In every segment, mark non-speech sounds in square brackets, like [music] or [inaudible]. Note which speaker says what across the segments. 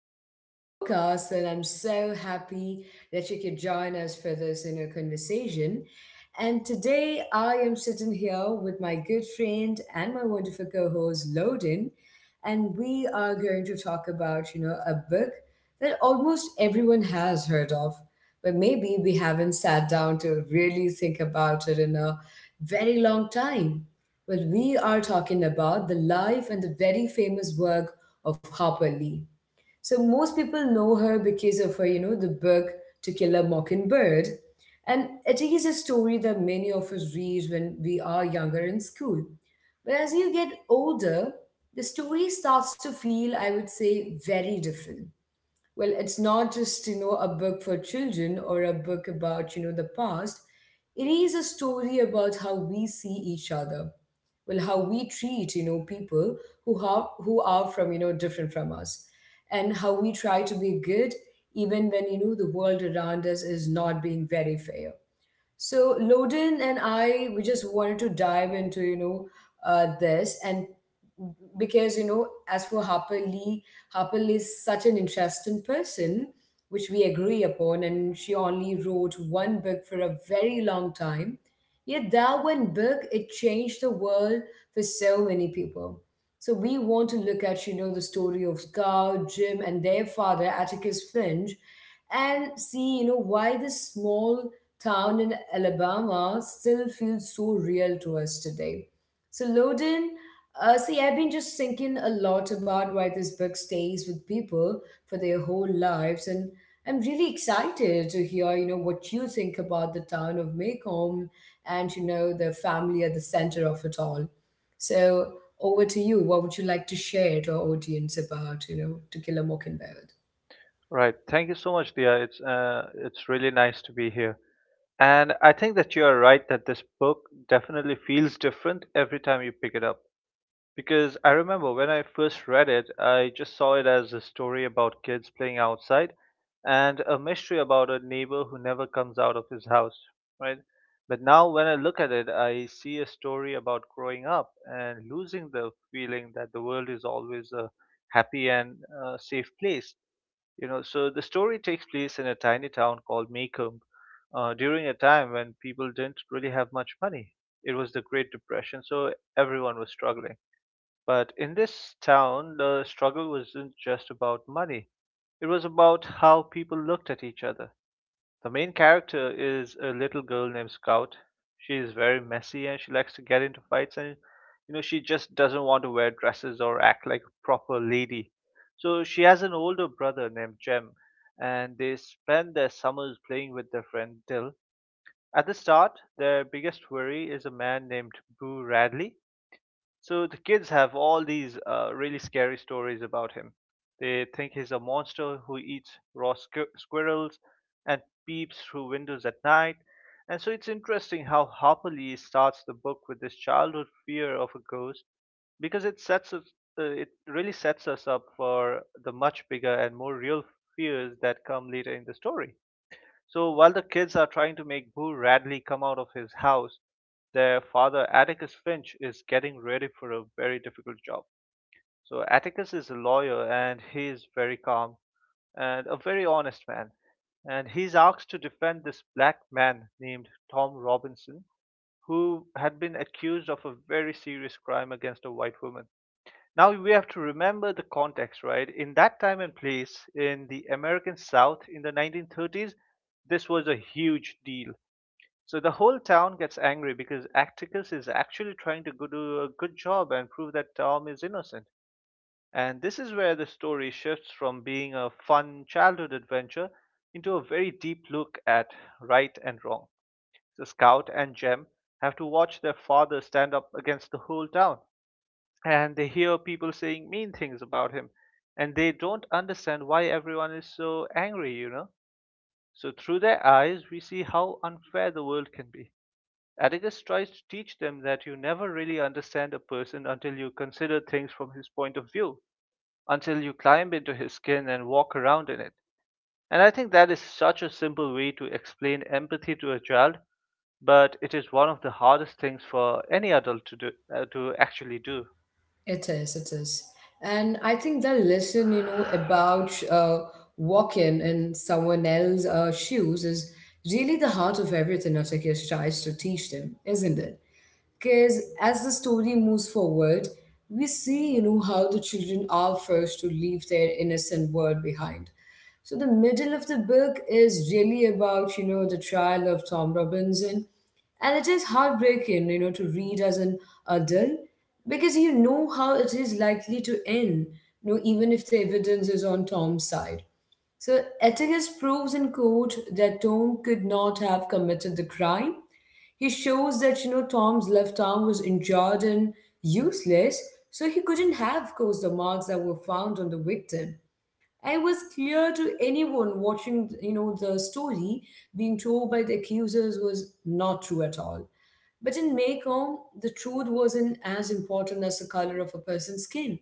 Speaker 1: back to my podcast, and I'm so happy that you could join us for this inner conversation. And today I am sitting here with my good friend and my wonderful co-host Loden, and we are going to talk about a book that almost everyone has heard of, but maybe we haven't sat down to really think about it in a very long time. Well, we are talking about the life and the very famous work of Harper Lee. So most people know her because of her, the book To Kill a Mockingbird. And it is a story that many of us read when we are younger in school. But as you get older, the story starts to feel, I would say, very different. Well, it's not just a book for children or a book about the past. It is a story about how we see each other, well, how we treat people who are from different from us, and how we try to be good even when the world around us is not being very fair. So Loden and I, we just wanted to dive into, this, and because, as for Harper Lee, Harper Lee is such an interesting person, which we agree upon, and she only wrote one book for a very long time. Yet that one book, it changed the world for so many people. So we want to look at, the story of Scout, Jim, and their father, Atticus Finch, and see, why this small town in Alabama still feels so real to us today. So, Loden, see, I've been just thinking a lot about why this book stays with people for their whole lives, and I'm really excited to hear, what you think about the town of Macomb and, the family at the center of it all. So, over to you. What would you like to share to our audience about, To Kill a Mockingbird?
Speaker 2: Right. Thank you so much, Dia. It's really nice to be here. And I think that you are right that this book definitely feels different every time you pick it up. Because I remember when I first read it, I just saw it as a story about kids playing outside and a mystery about a neighbor who never comes out of his house, right? But now when I look at it, I see a story about growing up and losing the feeling that the world is always a happy and safe place, you know, so the story takes place in a tiny town called Maycomb during a time when people didn't really have much money. It was the Great Depression, so everyone was struggling. But in this town, the struggle wasn't just about money, it was about how people looked at each other. The main character is a little girl named Scout. She is very messy and she likes to get into fights, and you know she just doesn't want to wear dresses or act like a proper lady. So she has an older brother named Jem, and they spend their summers playing with their friend Dill. At the start, their biggest worry is a man named Boo Radley, so the kids have all these really scary stories about him. They think he's a monster who eats squirrels and peeps through windows at night. And so it's interesting how Harper Lee starts the book with this childhood fear of a ghost, because it really sets us up for the much bigger and more real fears that come later in the story. So while the kids are trying to make Boo Radley come out of his house, their father Atticus Finch is getting ready for a very difficult job. So Atticus is a lawyer and he is very calm and a very honest man. And he's asked to defend this black man named Tom Robinson, who had been accused of a very serious crime against a white woman. Now we have to remember the context, right? In that time and place in the American South in the 1930s, this was a huge deal. So the whole town gets angry because Atticus is actually trying to go do a good job and prove that Tom is innocent. And this is where the story shifts from being a fun childhood adventure into a very deep look at right and wrong. So Scout and Jem have to watch their father stand up against the whole town, and they hear people saying mean things about him, and they don't understand why everyone is so angry, you know, so through their eyes we see how unfair the world can be. Atticus tries to teach them that you never really understand a person until you consider things from his point of view, until you climb into his skin and walk around in it. And I think that is such a simple way to explain empathy to a child, but it is one of the hardest things for any adult to actually do.
Speaker 1: It is, it is. And I think the lesson, you know, about
Speaker 2: [sighs]
Speaker 1: walking in someone else's shoes is really the heart of everything Atticus tries to teach them, isn't it? Because as the story moves forward, we see, how the children are forced to leave their innocent world behind. So the middle of the book is really about, the trial of Tom Robinson, and it is heartbreaking, to read as an adult, because you know how it is likely to end, even if the evidence is on Tom's side. So Atticus proves in court that Tom could not have committed the crime. He shows that, Tom's left arm was injured and useless, so he couldn't have caused the marks that were found on the victim. And it was clear to anyone watching, the story being told by the accusers was not true at all. But in Mekong, the truth wasn't as important as the color of a person's skin.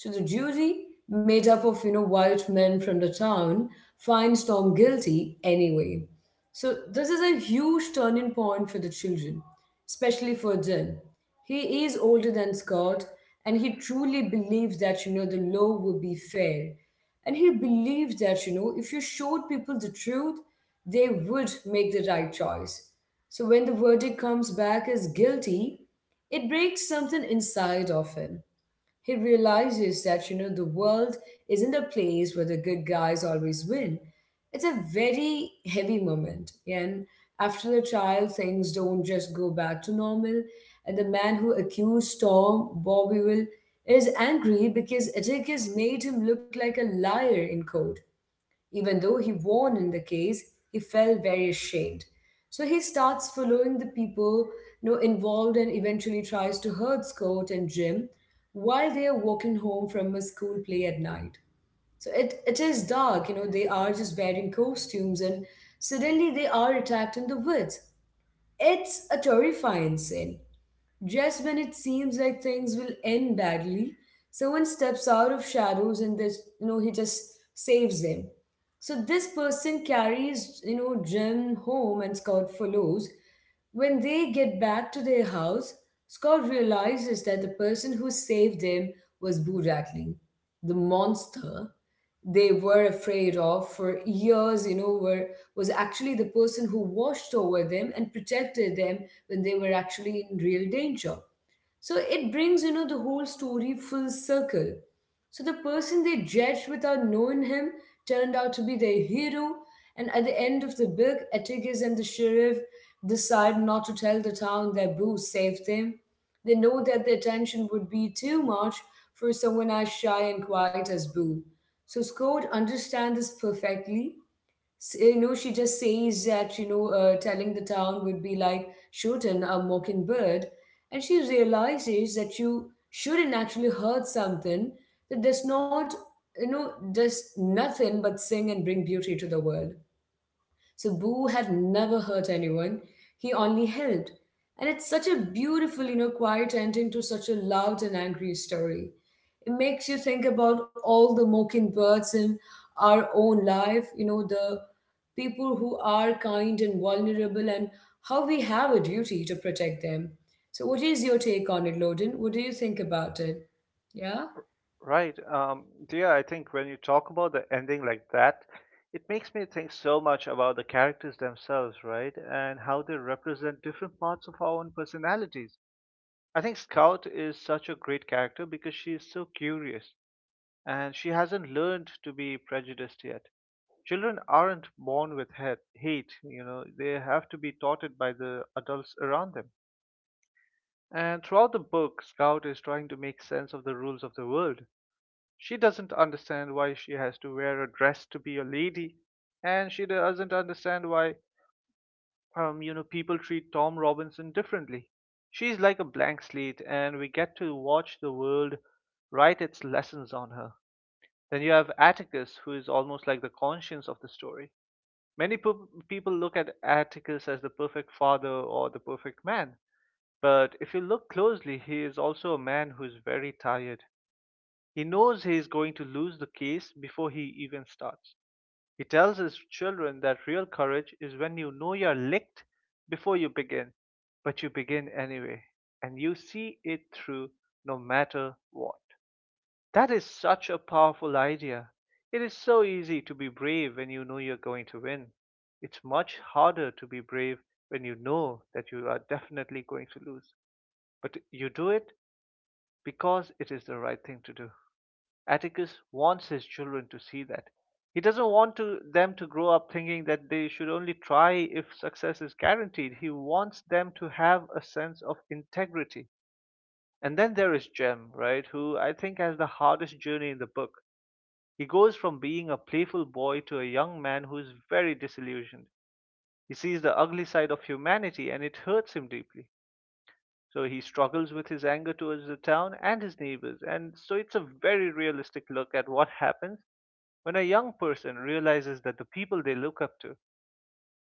Speaker 1: So the jury, made up of white men from the town, finds Tom guilty anyway. So this is a huge turning point for the children, especially for Jim. He is older than Scott, and he truly believes that the law will be fair, and he believes that if you showed people the truth, they would make the right choice. So when the verdict comes back as guilty, it breaks something inside of him. He realizes that, the world isn't a place where the good guys always win. It's a very heavy moment. And after the trial, things don't just go back to normal. And the man who accused Tom, Bobby Will, is angry because Atticus made him look like a liar in court. Even though he won in the case, he felt very ashamed. So he starts following the people involved, and eventually tries to hurt Scott and Jim while they are walking home from a school play at night. So it is dark, they are just wearing costumes and suddenly they are attacked in the woods. It's a terrifying scene. Just when it seems like things will end badly, someone steps out of shadows and he just saves them. So this person carries, Jim home, and Scott follows. When they get back to their house, Scott realizes that the person who saved them was Boo Rattling, the monster they were afraid of for years, you know, were was actually the person who watched over them and protected them when they were actually in real danger. So it brings, the whole story full circle. So the person they judged without knowing him turned out to be their hero. And at the end of the book, Atticus and the sheriff decide not to tell the town that Bruce saved them. They know that the attention would be too much for someone as shy and quiet as Boo. So Scott understand this perfectly. You know, she just says that, telling the town would be like shooting a mockingbird. And she realizes that you shouldn't actually hurt something that does not, does nothing but sing and bring beauty to the world. So Boo had never hurt anyone. He only helped. And it's such a beautiful, quiet ending to such a loud and angry story. It makes you think about all the mockingbirds in our own life, the people who are kind and vulnerable, and how we have a duty to protect them. So what is your take on it, Loden? What do you think about it? Yeah.
Speaker 2: Right. Yeah, I think when you talk about the ending like that, it makes me think so much about the characters themselves, right? And how they represent different parts of our own personalities. I think Scout is such a great character because she is so curious and she hasn't learned to be prejudiced yet. Children aren't born with hate, you know, they have to be taught it by the adults around them. And throughout the book, Scout is trying to make sense of the rules of the world. She doesn't understand why she has to wear a dress to be a lady, and she doesn't understand why, you know, people treat Tom Robinson differently. She's like a blank slate, and we get to watch the world write its lessons on her. Then you have Atticus, who is almost like the conscience of the story. Many po- people look at Atticus as the perfect father or the perfect man, but if you look closely, he is also a man who's very tired. He knows he is going to lose the case before he even starts. He tells his children that real courage is when you know you're licked before you begin, but you begin anyway, and you see it through no matter what. That is such a powerful idea. It is so easy to be brave when you know you're going to win. It's much harder to be brave when you know that you are definitely going to lose. But you do it because it is the right thing to do. Atticus wants his children to see that. He doesn't want them to grow up thinking that they should only try if success is guaranteed. He wants them to have a sense of integrity. And then there is Jem, right, who I think has the hardest journey in the book. He goes from being a playful boy to a young man who is very disillusioned. He sees the ugly side of humanity and it hurts him deeply. So he struggles with his anger towards the town and his neighbors. And so it's a very realistic look at what happens when a young person realizes that the people they look up to,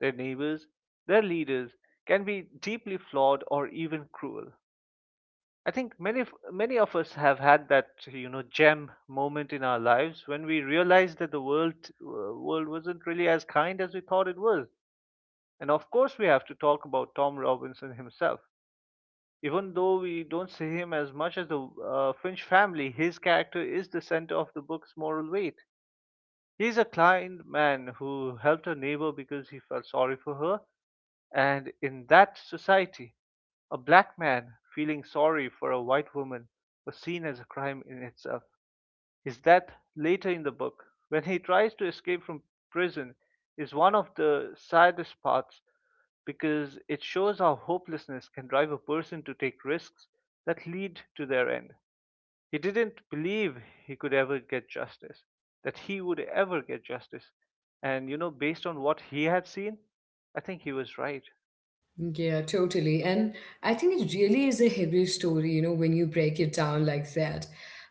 Speaker 2: their neighbors, their leaders, can be deeply flawed or even cruel. I think many of us have had that, you know, gem moment in our lives when we realized that the world wasn't really as kind as we thought it was. And of course, we have to talk about Tom Robinson himself. Even though we don't see him as much as the Finch family, his character is the center of the book's moral weight. He's a kind man who helped a neighbor because he felt sorry for her. And in that society, a black man feeling sorry for a white woman was seen as a crime in itself. His death later in the book, when he tries to escape from prison, is one of the saddest parts because it shows how hopelessness can drive a person to take risks that lead to their end. He didn't believe he could ever get justice, that he would ever get justice. And, you know, based on what he had seen, I think he was right.
Speaker 1: Yeah, totally. And I think it really is a heavy story, when you break it down like that.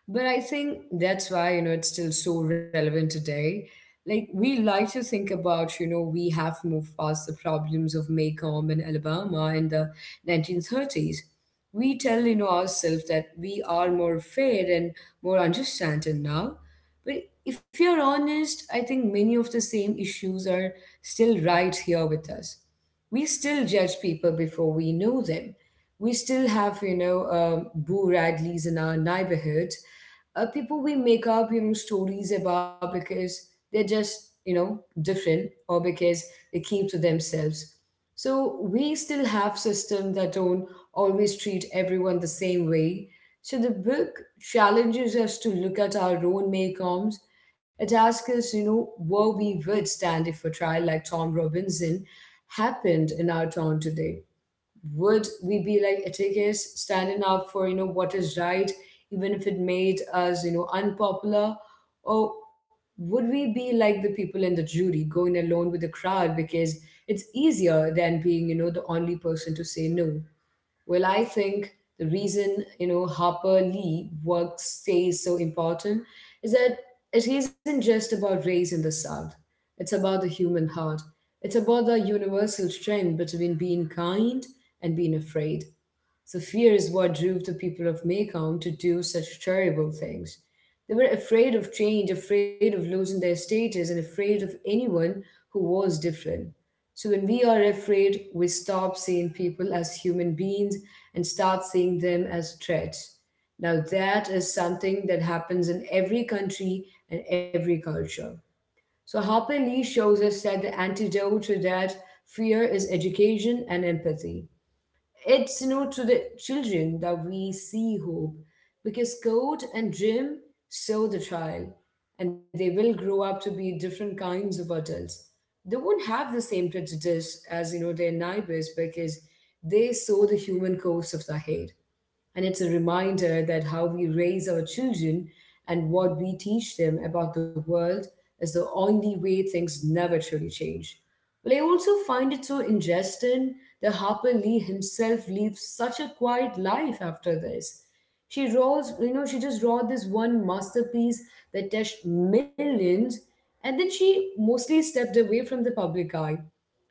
Speaker 1: But I think that's why, it's still so relevant today. Like, we like to think about, we have moved past the problems of Maycomb and Alabama in the 1930s. We tell, ourselves that we are more fair and more understanding now. But if you're honest, I think many of the same issues are still right here with us. We still judge people before we know them. We still have, Boo Radleys in our neighborhood, people we make up, stories about because they're just, different, or because they keep to themselves. So we still have systems that don't always treat everyone the same way. So the book challenges us to look at our own make Maycoms. It asks us, where we would stand if a trial like Tom Robinson happened in our town today. Would we be like Atticus, standing up for what is right, even if it made us unpopular? Or would we be like the people in the jury going alone with the crowd because it's easier than being the only person to say no? Well, I think the reason, Harper Lee work stays so important is that it isn't just about race in the South. It's about the human heart. It's about the universal strength between being kind and being afraid. So fear is what drove the people of Mekong to do such terrible things. They were afraid of change, afraid of losing their status, and afraid of anyone who was different. So when we are afraid, we stop seeing people as human beings and start seeing them as threats. Now that is something that happens in every country and every culture. So Harper Lee shows us that the antidote to that fear is education and empathy. It's to the children that we see hope, because Code and Jim saw the child and they will grow up to be different kinds of adults. They won't have the same prejudice as their neighbors, because they saw the human course of the head. And it's a reminder that how we raise our children and what we teach them about the world is the only way things never truly change. Well, I also find it so interesting that Harper Lee himself lives such a quiet life after this. She rolls, you know, she just wrote this one masterpiece that touched millions, and then she mostly stepped away from the public eye.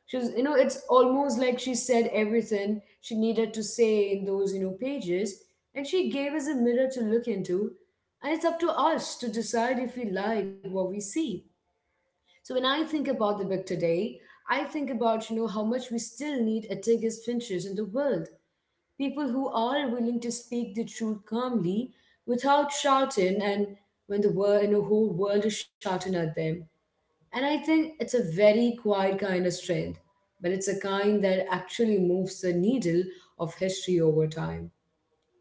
Speaker 1: She's, it's almost like she said everything she needed to say in those, pages, and she gave us a mirror to look into. And it's up to us to decide if we like what we see. So when I think about the book today, I think about, how much we still need Atticus Finches in the world. People who are willing to speak the truth calmly without shouting and when the world, whole world is shouting at them. And I think it's a very quiet kind of strength, but it's a kind that actually moves the needle of history over time.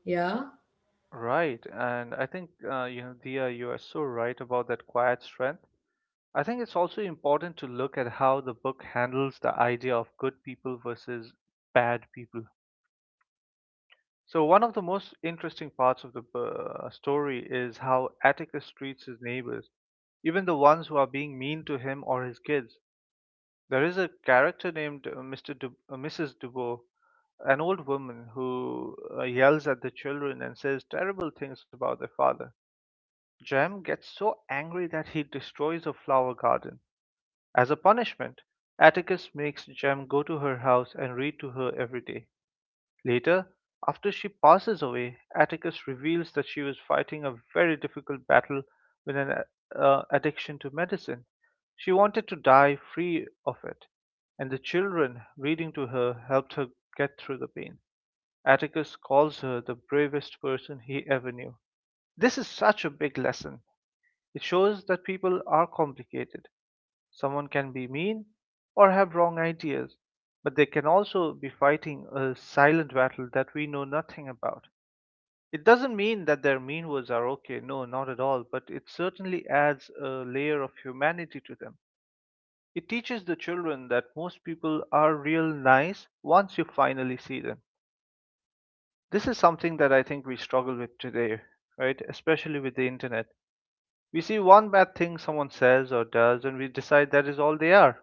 Speaker 1: Yeah?
Speaker 2: Right, and I think you know, Dia, you are so right about that quiet strength. I think it's also important to look at how the book handles the idea of good people versus bad people. So one of the most interesting parts of the story is how Atticus treats his neighbors, even the ones who are being mean to him or his kids. There is a character named Mrs. Dubois, an old woman who yells at the children and says terrible things about their father. Jem gets so angry that he destroys a flower garden. As a punishment, Atticus makes Jem go to her house and read to her every day. Later, after she passes away, Atticus reveals that she was fighting a very difficult battle with an addiction to medicine. She wanted to die free of it, and the children reading to her helped her get through the pain. Atticus calls her the bravest person he ever knew. This is such a big lesson. It shows that people are complicated. Someone can be mean or have wrong ideas, but they can also be fighting a silent battle that we know nothing about. It doesn't mean that their mean words are okay, no, not at all, but it certainly adds a layer of humanity to them. It teaches the children that most people are real nice once you finally see them. This is something that I think we struggle with today, right? Especially with the internet. We see one bad thing someone says or does, and we decide that is all they are.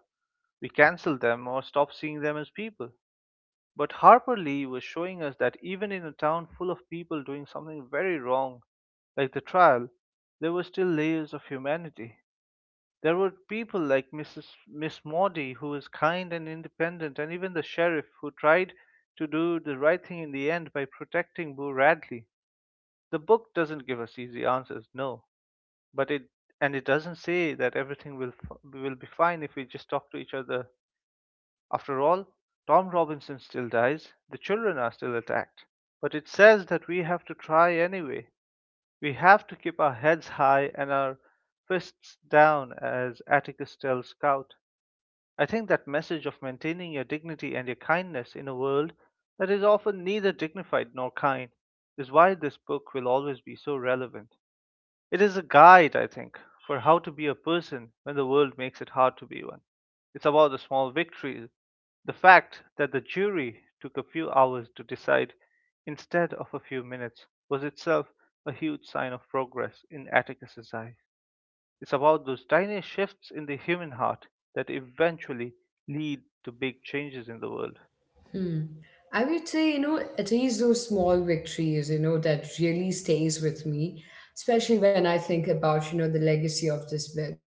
Speaker 2: We cancel them or stop seeing them as people. But Harper Lee was showing us that even in a town full of people doing something very wrong, like the trial, there were still layers of humanity. There were people like Mrs. Miss Maudie, who was kind and independent, and even the sheriff, who tried to do the right thing in the end by protecting Boo Radley. The book doesn't give us easy answers, no, but it and it doesn't say that everything will be fine if we just talk to each other. After all, Tom Robinson still dies, the children are still attacked. But it says that we have to try anyway. We have to keep our heads high and our fists down, as Atticus tells Scout. I think that message of maintaining your dignity and your kindness in a world that is often neither dignified nor kind is why this book will always be so relevant. It is a guide, I think, for how to be a person when the world makes it hard to be one. It's about the small victories. The fact that the jury took a few hours to decide instead of a few minutes was itself a huge sign of progress in Atticus's eyes. It's about those tiny shifts in the human heart that eventually lead to big changes in the world.
Speaker 1: Hmm. I would say, it is those small victories, that really stays with me, especially when I think about, the legacy of this book.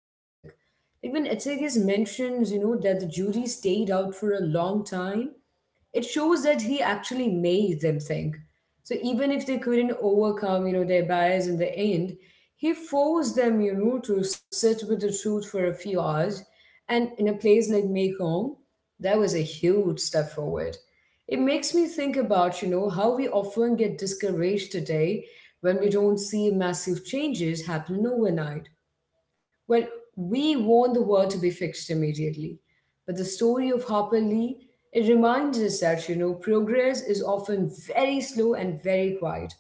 Speaker 1: Like when Etzegis mentions, that the jury stayed out for a long time, it shows that he actually made them think. So even if they couldn't overcome, their bias in the end, he forced them, to sit with the truth for a few hours. And in a place like Mekong, that was a huge step forward. It makes me think about, how we often get discouraged today when we don't see massive changes happening overnight. Well, we want the world to be fixed immediately. But the story of Harper Lee, it reminds us that, progress is often very slow and very quiet.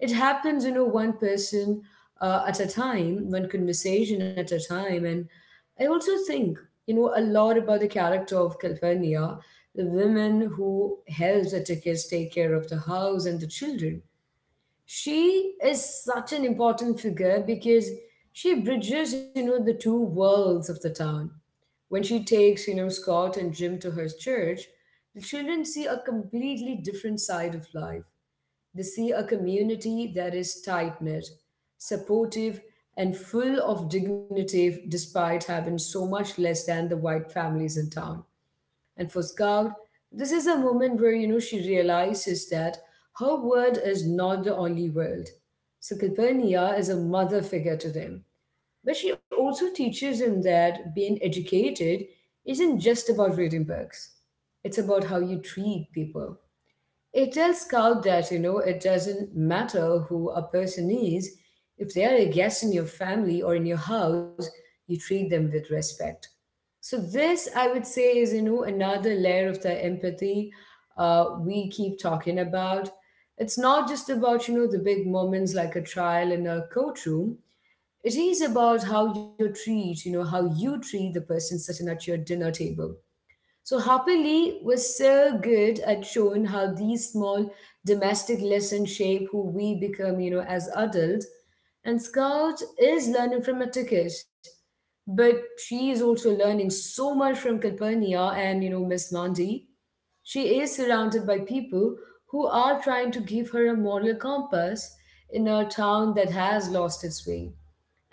Speaker 1: It happens, one person at a time, one conversation at a time. And I also think, a lot about the character of Calpurnia, the woman who helps the tickets take care of the house and the children. She is such an important figure because she bridges, the two worlds of the town. When she takes, Scott and Jim to her church, the children see a completely different side of life. They see a community that is tight-knit, supportive, and full of dignity despite having so much less than the white families in town. And for Scout, this is a moment where, she realizes that her world is not the only world. So Calpurnia is a mother figure to them. But she also teaches them that being educated isn't just about reading books. It's about how you treat people. It tells Scout that, it doesn't matter who a person is, if they are a guest in your family or in your house, you treat them with respect. So this, I would say, is, another layer of the empathy we keep talking about. It's not just about, the big moments like a trial in a courtroom. It is about how you treat, how you treat the person sitting at your dinner table. So Happily was so good at showing how these small domestic lessons shape who we become, as adults. And Scout is learning from Atticus, but she is also learning so much from Calpurnia and, Miss Mandy. She is surrounded by people who are trying to give her a moral compass in a town that has lost its way.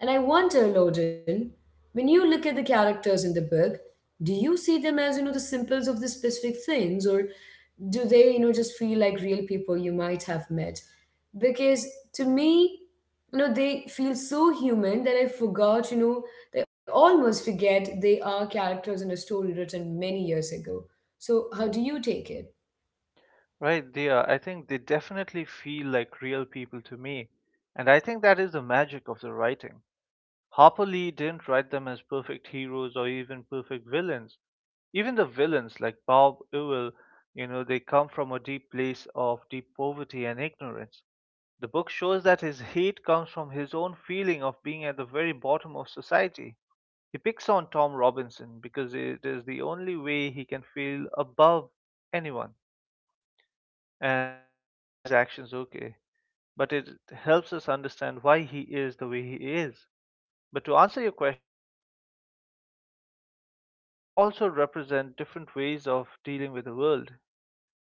Speaker 1: And I wonder, Loden, when you look at the characters in the book, do you see them as, the symbols of the specific things, or do they, just feel like real people you might have met? Because to me, they feel so human that I forgot, they almost forget they are characters in a story written many years ago. So how do you take it?
Speaker 2: Right, they I think they definitely feel like real people to me. And I think that is the magic of the writing. Harper Lee didn't write them as perfect heroes or even perfect villains. Even the villains, like Bob Ewell, they come from a deep place of deep poverty and ignorance. The book shows that his hate comes from his own feeling of being at the very bottom of society. He picks on Tom Robinson because it is the only way he can feel above anyone. And this doesn't make his actions okay, but it helps us understand why he is the way he is. But to answer your question, while they feel real, they also represent different ways of dealing with the world.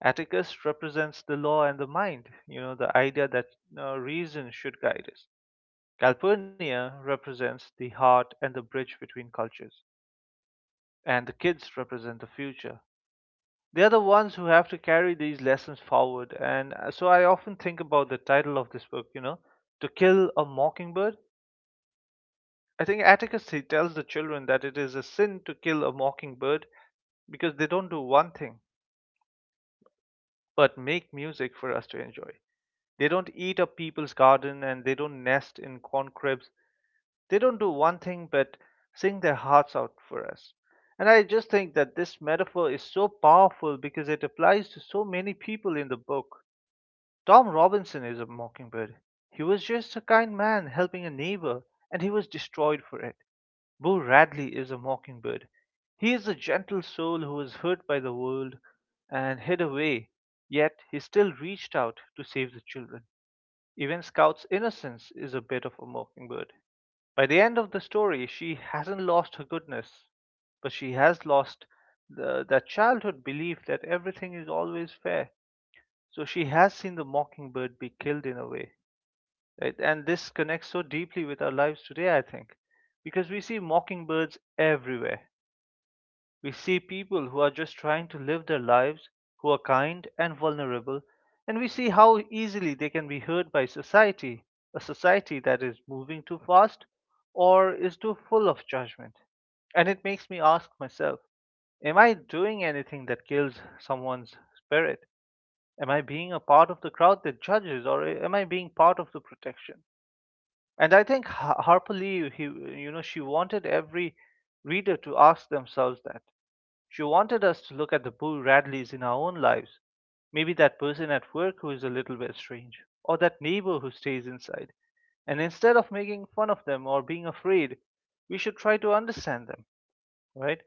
Speaker 2: Atticus represents the law and the mind, you know, the idea that reason should guide us. Calpurnia represents the heart and the bridge between cultures. And the kids represent the future. They are the ones who have to carry these lessons forward. And so I often think about the title of this book, you know, To Kill a Mockingbird. I think Atticus, he tells the children that it is a sin to kill a mockingbird because they don't do one thing but make music for us to enjoy. They don't eat up people's garden and they don't nest in corn cribs. They don't do one thing but sing their hearts out for us. And I just think that this metaphor is so powerful because it applies to so many people in the book. Tom Robinson is a mockingbird. He was just a kind man helping a neighbor, and he was destroyed for it. Beau Radley is a mockingbird. He is a gentle soul who was hurt by the world and hid away, yet he still reached out to save the children. Even Scout's innocence is a bit of a mockingbird. By the end of the story, she hasn't lost her goodness, but she has lost that childhood belief that everything is always fair. So she has seen the mockingbird be killed in a way, right? And this connects so deeply with our lives today, I think, because we see mockingbirds everywhere. We see people who are just trying to live their lives, who are kind and vulnerable, and we see how easily they can be hurt by society, a society that is moving too fast or is too full of judgment. And it makes me ask myself, am I doing anything that kills someone's spirit? Am I being a part of the crowd that judges, or am I being part of the protection? And I think Harper Lee, you know, she wanted every reader to ask themselves that. She wanted us to look at the Boo Radleys in our own lives. Maybe that person at work who is a little bit strange, or that neighbor who stays inside, and instead of making fun of them or being afraid, we should try to understand them, right?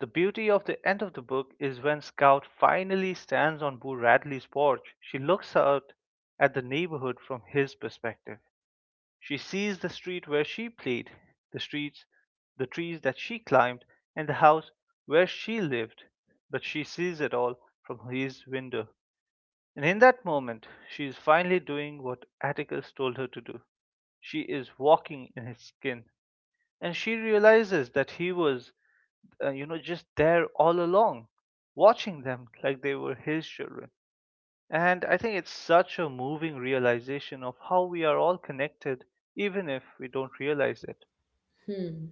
Speaker 2: The beauty of the end of the book is when Scout finally stands on Boo Radley's porch, she looks out at the neighborhood from his perspective. She sees the street where she played, the streets, the trees that she climbed, and the house where she lived, but she sees it all from his window. And in that moment she is finally doing what Atticus told her to do. She is walking in his skin. And she realizes that he was, just there all along, watching them like they were his children. And I think it's such a moving realization of how we are all connected, even if we don't realize it.
Speaker 1: Hmm.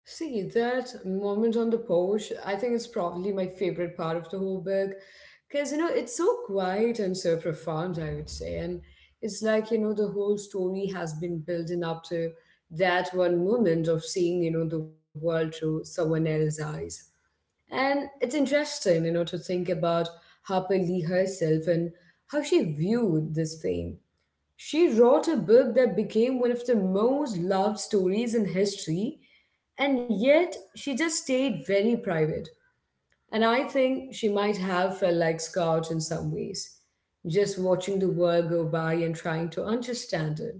Speaker 1: See, that moment on the porch, I think it's probably my favorite part of the whole book. Because, it's so quiet and so profound, I would say. And it's like, the whole story has been building up to that one moment of seeing, the world through someone else's eyes. And it's interesting, to think about Harper Lee herself and how she viewed this fame. She wrote a book that became one of the most loved stories in history, and yet she just stayed very private. And I think she might have felt like Scout in some ways, just watching the world go by and trying to understand it.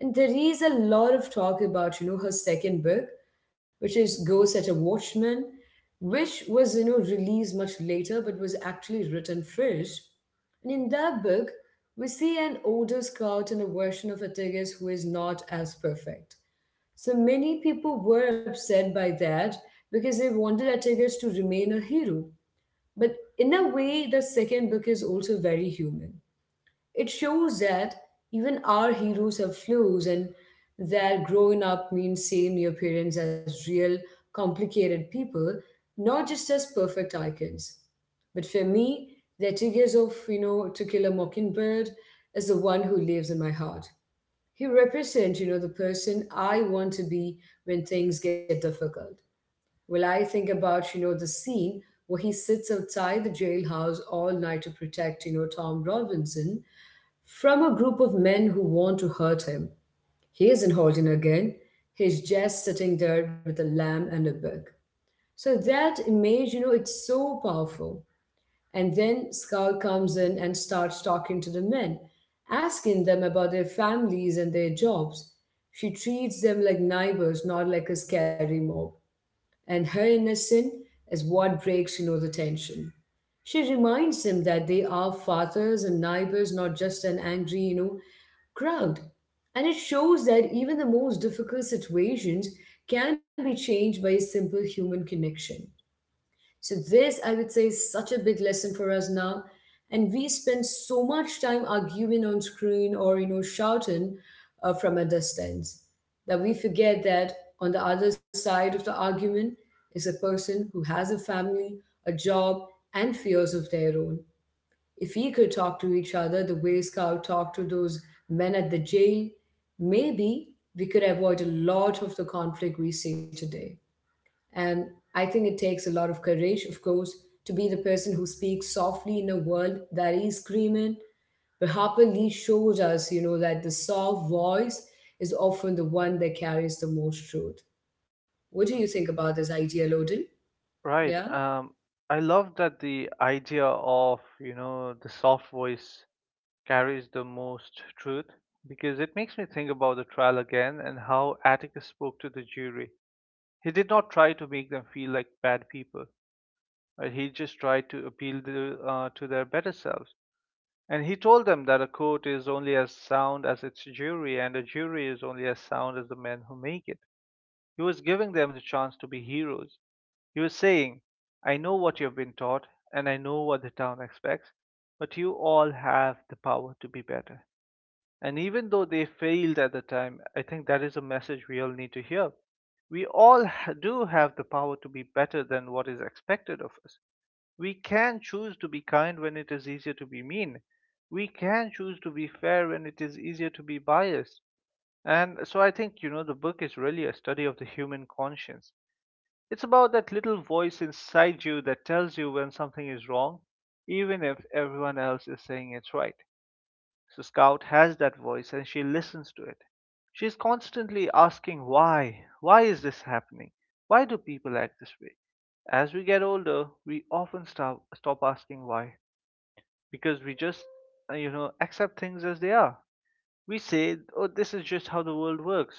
Speaker 1: And there is a lot of talk about, her second book, which is Ghost at a Watchman, which was, released much later but was actually written first. And in that book, we see an older Scout and a version of Atticus who is not as perfect. So many people were upset by that because they wanted Atticus to remain a hero. But in a way, the second book is also very human. It shows that even our heroes have flaws and that growing up means seeing your parents as real, complicated people, not just as perfect icons. But for me, the Tigers of, To Kill a Mockingbird is the one who lives in my heart. He represents, the person I want to be when things get difficult. Well, I think about, the scene where he sits outside the jailhouse all night to protect, Tom Robinson from a group of men who want to hurt him. He isn't holding a gun. He's just sitting there with a lamb and a bug. So that image, it's so powerful. And then Skull comes in and starts talking to the men, asking them about their families and their jobs. She treats them like neighbors, not like a scary mob. And her innocence is what breaks, the tension. She reminds him that they are fathers and neighbors, not just an angry, crowd. And it shows that even the most difficult situations can be changed by a simple human connection. So, this I would say is such a big lesson for us now. And we spend so much time arguing on screen or, shouting from a distance, that we forget that on the other side of the argument is a person who has a family, a job, and fears of their own. If we could talk to each other the way Scout talked to those men at the jail, maybe we could avoid a lot of the conflict we see today. And I think it takes a lot of courage, of course, to be the person who speaks softly in a world that is screaming. But Harper Lee showed us, that the soft voice is often the one that carries the most truth. What do you think about this idea, Loden?
Speaker 2: Right.
Speaker 1: Yeah?
Speaker 2: I love that the idea of, you know, the soft voice carries the most truth, because it makes me think about the trial again and how Atticus spoke to the jury. He did not try to make them feel like bad people, right? He just tried to appeal to their better selves. And he told them that a court is only as sound as its jury, and a jury is only as sound as the men who make it. He was giving them the chance to be heroes. He was saying, I know what you've been taught, and I know what the town expects, but you all have the power to be better. And even though they failed at the time, I think that is a message we all need to hear. We all do have the power to be better than what is expected of us. We can choose to be kind when it is easier to be mean. We can choose to be fair when it is easier to be biased. And so I think, you know, the book is really a study of the human conscience. It's about that little voice inside you that tells you when something is wrong, even if everyone else is saying it's right. So Scout has that voice and she listens to it. She's constantly asking why. Why is this happening? Why do people act this way? As we get older, we often stop asking why, because we just, you know, accept things as they are. We say, oh, this is just how the world works.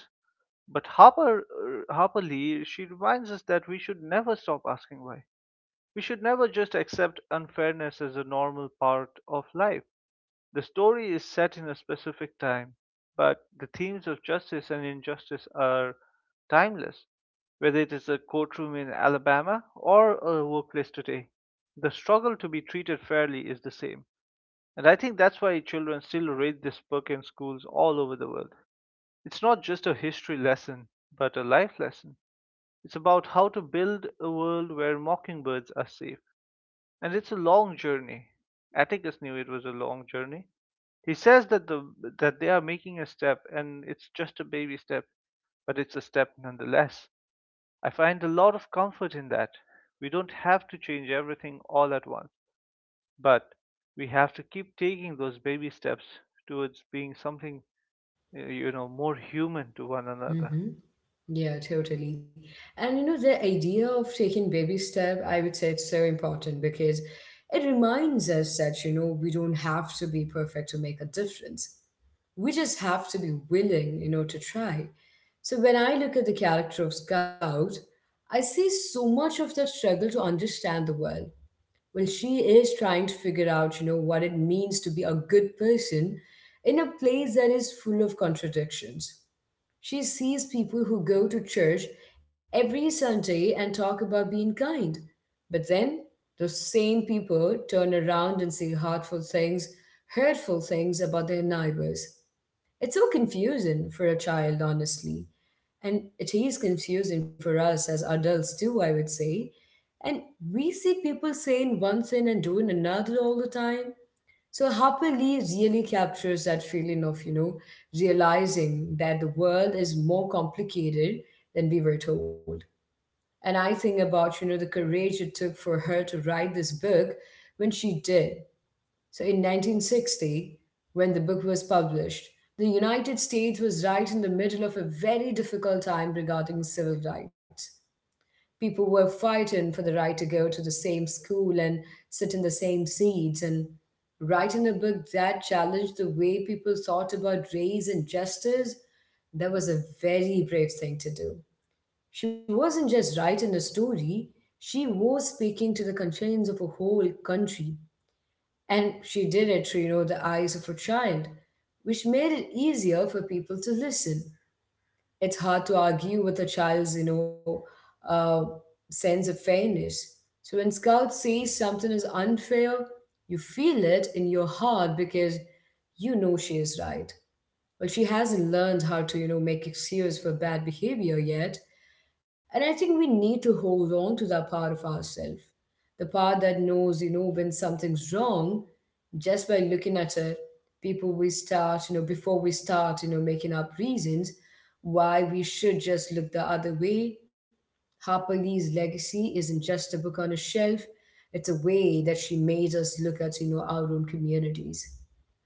Speaker 2: But Harper Lee, she reminds us that we should never stop asking why. We should never just accept unfairness as a normal part of life. The story is set in a specific time, but the themes of justice and injustice are timeless. Whether it is a courtroom in Alabama or a workplace today, the struggle to be treated fairly is the same. And I think that's why children still read this book in schools all over the world. It's not just a history lesson, but a life lesson. It's about how to build a world where mockingbirds are safe, and it's a long journey. Atticus knew it was a long journey. He says that the that they are making a step, and it's just a baby step, but it's a step nonetheless. I find a lot of comfort in that. We don't have to change everything all at once, but we have to keep taking those baby steps towards being something you know, more human to one another.
Speaker 1: Mm-hmm. Yeah, totally. And you know, the idea of taking baby step, I would say it's so important because it reminds us that, we don't have to be perfect to make a difference. We just have to be willing, to try. So when I look at the character of Scout, I see so much of that struggle to understand the world. Well, she is trying to figure out, what it means to be a good person in a place that is full of contradictions. She sees people who go to church every Sunday and talk about being kind. But then those same people turn around and say hurtful things about their neighbors. It's so confusing for a child, honestly. And it is confusing for us as adults, too, I would say. And we see people saying one thing and doing another all the time. So Happily really captures that feeling of, realizing that the world is more complicated than we were told. And I think about, the courage it took for her to write this book when she did. So in 1960, when the book was published, the United States was right in the middle of a very difficult time regarding civil rights. People were fighting for the right to go to the same school and sit in the same seats and writing a book that challenged the way people thought about race and justice, that was a very brave thing to do. She wasn't just writing a story, she was speaking to the concerns of a whole country, and she did it through, the eyes of her child, which made it easier for people to listen. It's hard to argue with a child's, uh, sense of fairness. So when Scout say something is unfair, you feel it in your heart because you know she is right. Well, she hasn't learned how to, make excuses for bad behavior yet, and I think we need to hold on to that part of ourselves, the part that knows, when something's wrong, just by looking at it. People, we start, you know, before we start, you know, making up reasons why we should just look the other way. Harper Lee's legacy isn't just a book on a shelf, it's a way that she made us look at, our own communities.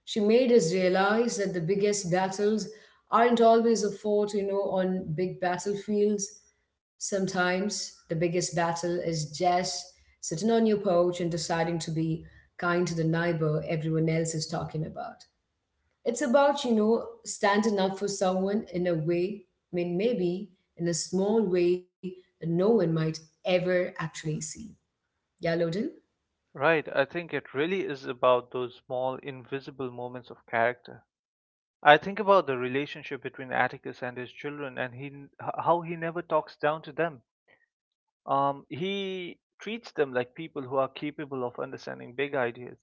Speaker 1: She made us realize that the biggest battles aren't always a fought, on big battlefields. Sometimes the biggest battle is just sitting on your porch and deciding to be kind to the neighbor everyone else is talking about. It's about, you know, standing up for someone in a way, I mean, maybe in a small way that no one might ever actually see. Yeah, Loden?
Speaker 2: Right, I think it really is about those small invisible moments of character. I think about the relationship between Atticus and his children, and how he never talks down to them. He treats them like people who are capable of understanding big ideas.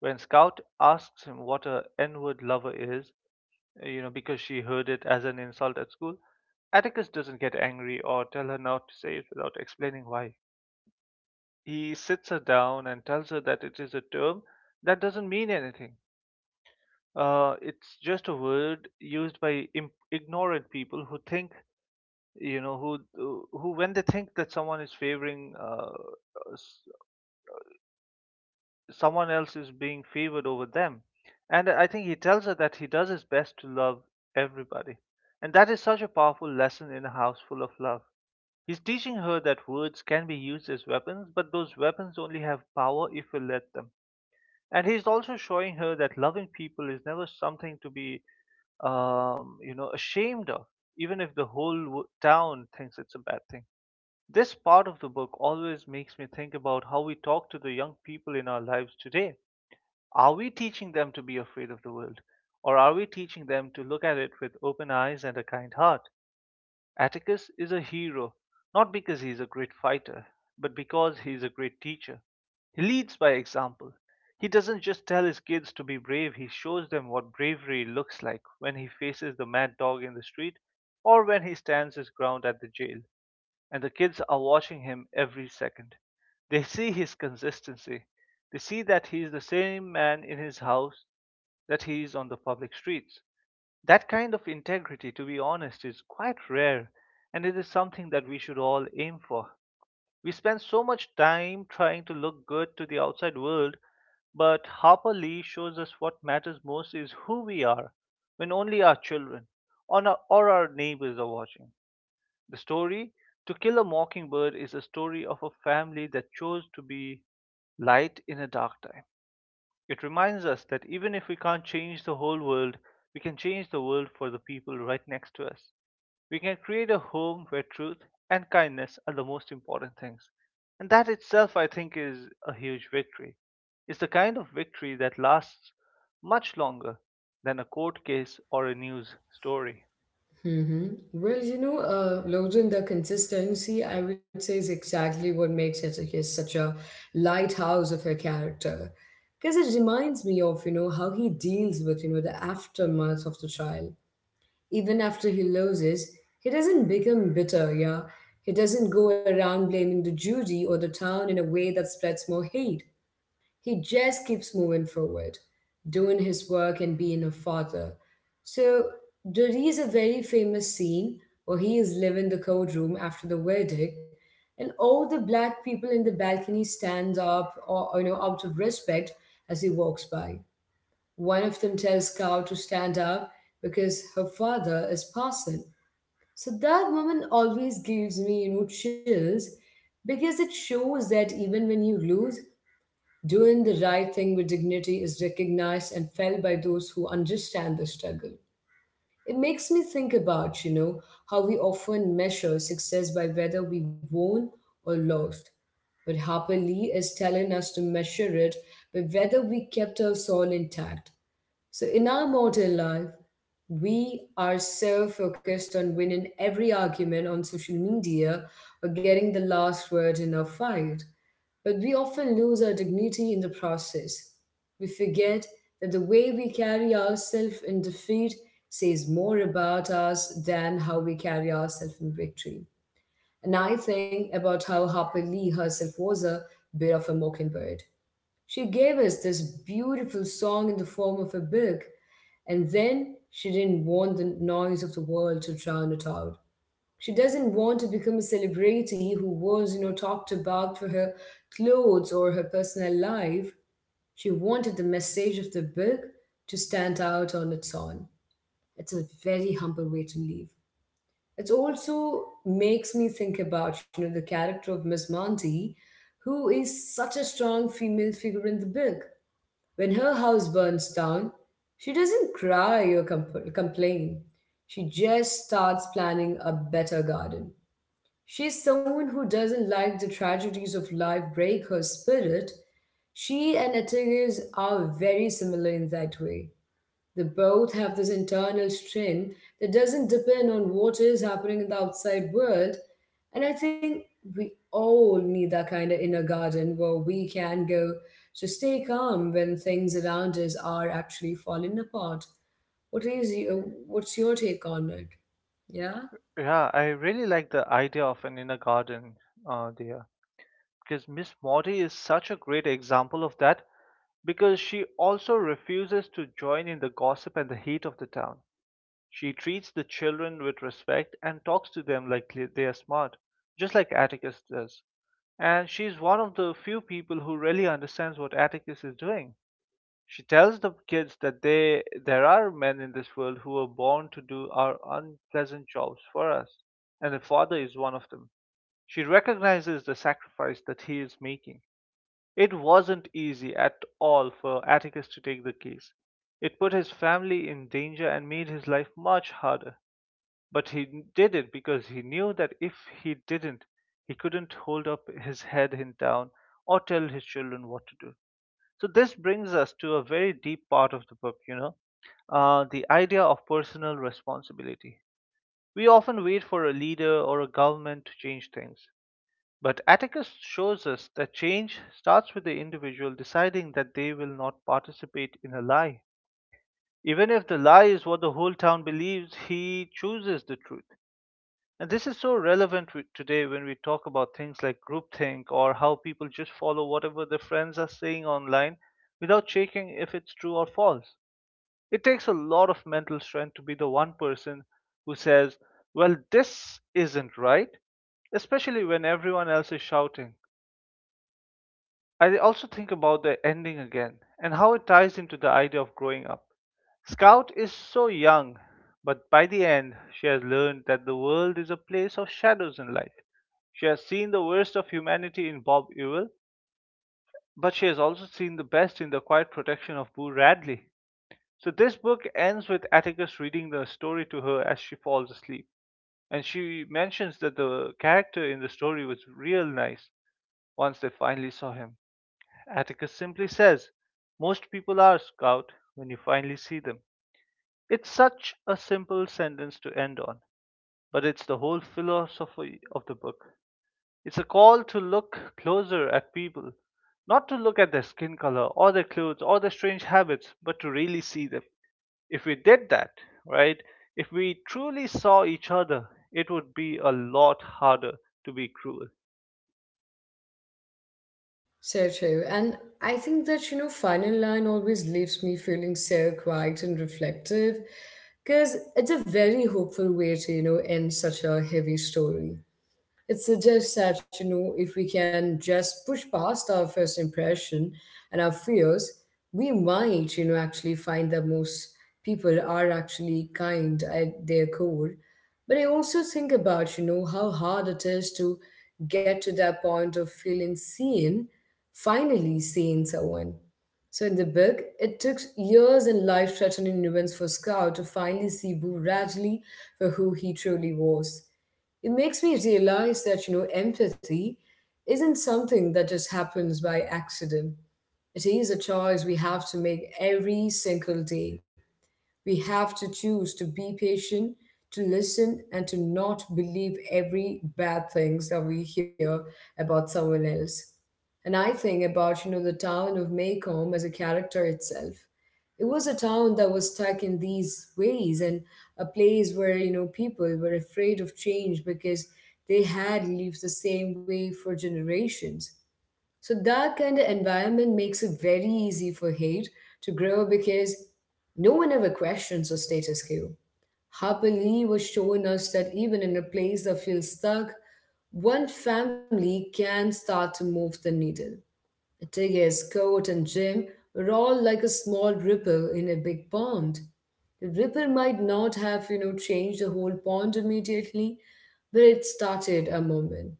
Speaker 2: When Scout asks him what a N-word lover is, you know, because she heard it as an insult at school, Atticus doesn't get angry or tell her not to say it without explaining why. He sits her down and tells her that it is a term that doesn't mean anything. It's just a word used by ignorant people who think, you know, who when they think that someone is favoring, s- someone else is being favored over them. And I think he tells her that he does his best to love everybody, and that is such a powerful lesson in a house full of love. He's teaching her that words can be used as weapons, but those weapons only have power if we let them. And he's also showing her that loving people is never something to be you know, ashamed of, even if the whole town thinks it's a bad thing. This part of the book always makes me think about how we talk to the young people in our lives today. Are we teaching them to be afraid of the world? Or are we teaching them to look at it with open eyes and a kind heart? Atticus is a hero not because he is a great fighter, but because he is a great teacher. He leads by example. He doesn't just tell his kids to be brave, he shows them what bravery looks like when he faces the mad dog in the street or when he stands his ground at the jail. And the kids are watching him every second. They see his consistency. They see that he is the same man in his house that he is on the public streets. That kind of integrity, to be honest, is quite rare, and it is something that we should all aim for. We spend so much time trying to look good to the outside world, but Harper Lee shows us what matters most is who we are when only our children or our neighbors are watching. The story, To Kill a Mockingbird, is a story of a family that chose to be light in a dark time. It reminds us that even if we can't change the whole world, we can change the world for the people right next to us. We can create a home where truth and kindness are the most important things. And that itself, I think, is a huge victory. It's the kind of victory that lasts much longer than a court case or a news story.
Speaker 1: Mm-hmm. Well, Loden, the consistency, I would say, is exactly what makes it such such a lighthouse of a character. Because it reminds me of, you know, how he deals with, you know, the aftermath of the trial. Even after he loses, he doesn't become bitter, yeah? He doesn't go around blaming the jury or the town in a way that spreads more hate. He just keeps moving forward, doing his work and being a father. So there is a very famous scene where he is leaving the courtroom after the verdict, and all the black people in the balcony stands up, or you know, out of respect as he walks by. One of them tells Cow to stand up because her father is passing. So that moment always gives me, you know, chills because it shows that even when you lose, doing the right thing with dignity is recognized and felt by those who understand the struggle. It makes me think about, you know, how we often measure success by whether we won or lost. But Harper Lee is telling us to measure it by whether we kept our soul intact. So, in our modern life, we are so focused on winning every argument on social media or getting the last word in a fight, but we often lose our dignity in the process. We forget that the way we carry ourselves in defeat says more about us than how we carry ourselves in victory. And I think about how Harper Lee herself was a bit of a mockingbird. She gave us this beautiful song in the form of a book, and then she didn't want the noise of the world to drown it out. She doesn't want to become a celebrity who was, you know, talked about for her clothes or her personal life. She wanted the message of the book to stand out on its own. It's a very humble way to live. It also makes me think about, you know, the character of Miss Monty, who is such a strong female figure in the book when her house burns down, she doesn't cry or complain. She just starts planning a better garden. She's someone who doesn't let the tragedies of life break her spirit. She and Atticus are very similar in that way. They both have this internal strength that doesn't depend on what is happening in the outside world. And I think we all need that kind of inner garden where we can go to stay calm when things around us are actually falling apart. What's your take on it? Yeah.
Speaker 2: Yeah, I really like the idea of an inner garden there, because Miss Morty is such a great example of that because she also refuses to join in the gossip and the heat of the town. She treats the children with respect and talks to them like they are smart, just like Atticus does. And she's one of the few people who really understands what Atticus is doing. She tells the kids that they there are men in this world who are born to do our unpleasant jobs for us, and the father is one of them. She recognizes the sacrifice that he is making. It wasn't easy at all for Atticus to take the case. It put his family in danger and made his life much harder. But he did it because he knew that if he didn't, he couldn't hold up his head in town or tell his children what to do. So this brings us to a very deep part of the book, you know, the idea of personal responsibility. We often wait for a leader or a government to change things, but Atticus shows us that change starts with the individual deciding that they will not participate in a lie. Even if the lie is what the whole town believes, he chooses the truth. And this is so relevant today when we talk about things like groupthink or how people just follow whatever their friends are saying online without checking if it's true or false. It takes a lot of mental strength to be the one person who says, "Well, this isn't right," especially when everyone else is shouting. I also think about the ending again and how it ties into the idea of growing up. Scout is so young, but by the end, she has learned that the world is a place of shadows and light. She has seen the worst of humanity in Bob Ewell, but she has also seen the best in the quiet protection of Boo Radley. So this book ends with Atticus reading the story to her as she falls asleep, and she mentions that the character in the story was real nice once they finally saw him. Atticus simply says, "Most people are, Scout, when you finally see them." It's such a simple sentence to end on, but it's the whole philosophy of the book. It's a call to look closer at people, not to look at their skin color or their clothes or their strange habits, but to really see them. If we did that, right, if we truly saw each other, it would be a lot harder to be cruel.
Speaker 1: So true. And I think that, you know, final line always leaves me feeling so quiet and reflective because it's a very hopeful way to, you know, end such a heavy story. It suggests that, you know, if we can just push past our first impression and our fears, we might, you know, actually find that most people are actually kind at their core. But I also think about, you know, how hard it is to get to that point of feeling seen, finally seeing someone. So in the book, it took years and life-threatening events for Scout to finally see Boo Radley for who he truly was. It makes me realize that, you know, empathy isn't something that just happens by accident. It is a choice we have to make every single day. We have to choose to be patient, to listen, and to not believe every bad things that we hear about someone else. And I think about, you know, the town of Maycomb as a character itself. It was a town that was stuck in these ways and a place where, you know, people were afraid of change because they had lived the same way for generations. So that kind of environment makes it very easy for hate to grow because no one ever questions the status quo. Harper Lee was showing us that even in a place that feels stuck, one family can start to move the needle. Tigges, coat and Jim were all like a small ripple in a big pond. The ripple might not have, you know, changed the whole pond immediately, but it started a moment.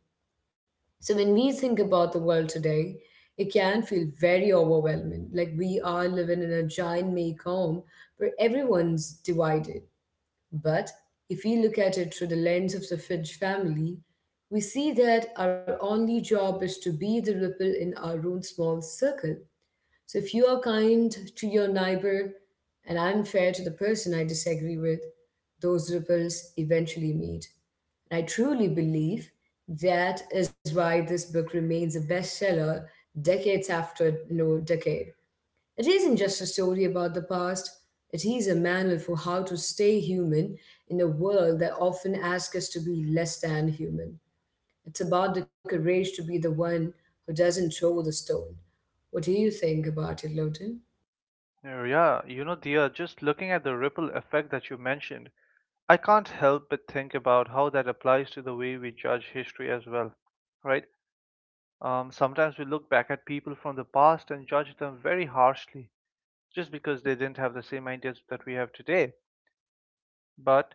Speaker 1: So when we think about the world today, it can feel very overwhelming. Like we are living in a giant make home where everyone's divided. But if we look at it through the lens of the Fitch family, we see that our only job is to be the ripple in our own small circle. So if you are kind to your neighbor and I'm fair to the person I disagree with, those ripples eventually meet. And I truly believe that is why this book remains a bestseller decades after no decade. It isn't just a story about the past, it is a manual for how to stay human in a world that often asks us to be less than human. It's about the courage to be the one who doesn't throw the stone. What do you think about it, Loden?
Speaker 2: Yeah, you know, Dia, just looking at the ripple effect that you mentioned, I can't help but think about how that applies to the way we judge history as well, right? Sometimes we look back at people from the past and judge them very harshly just because they didn't have the same ideas that we have today. But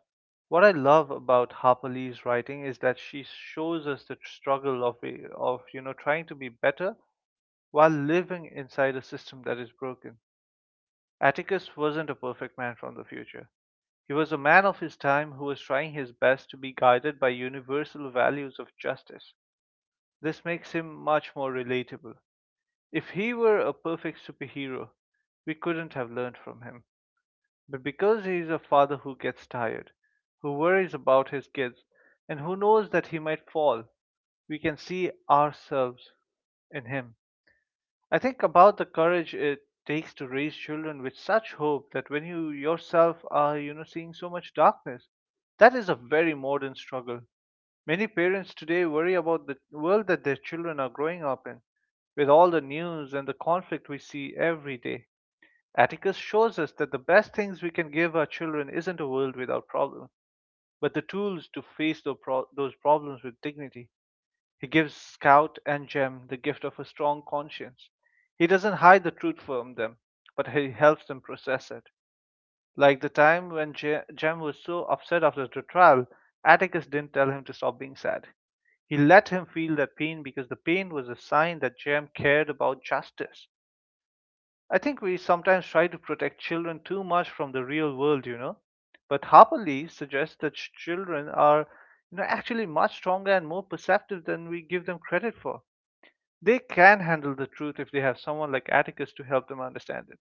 Speaker 2: what I love about Harper Lee's writing is that she shows us the struggle of you know trying to be better while living inside a system that is broken. Atticus wasn't a perfect man from the future. He was a man of his time who was trying his best to be guided by universal values of justice. This makes him much more relatable. If he were a perfect superhero, we couldn't have learned from him. But because he is a father who gets tired, who worries about his kids, and who knows that he might fall, we can see ourselves in him. I think about the courage it takes to raise children with such hope that when you yourself are, you know, seeing so much darkness, that is a very modern struggle. Many parents today worry about the world that their children are growing up in, with all the news and the conflict we see every day. Atticus shows us that the best things we can give our children isn't a world without problems, but the tools to face those problems with dignity. He gives Scout and Jem the gift of a strong conscience. He doesn't hide the truth from them, but he helps them process it. Like the time when Jem was so upset after the trial, Atticus didn't tell him to stop being sad. He let him feel that pain because the pain was a sign that Jem cared about justice. I think we sometimes try to protect children too much from the real world, you know. But Harper Lee suggests that children are, you know, actually much stronger and more perceptive than we give them credit for. They can handle the truth if they have someone like Atticus to help them understand it.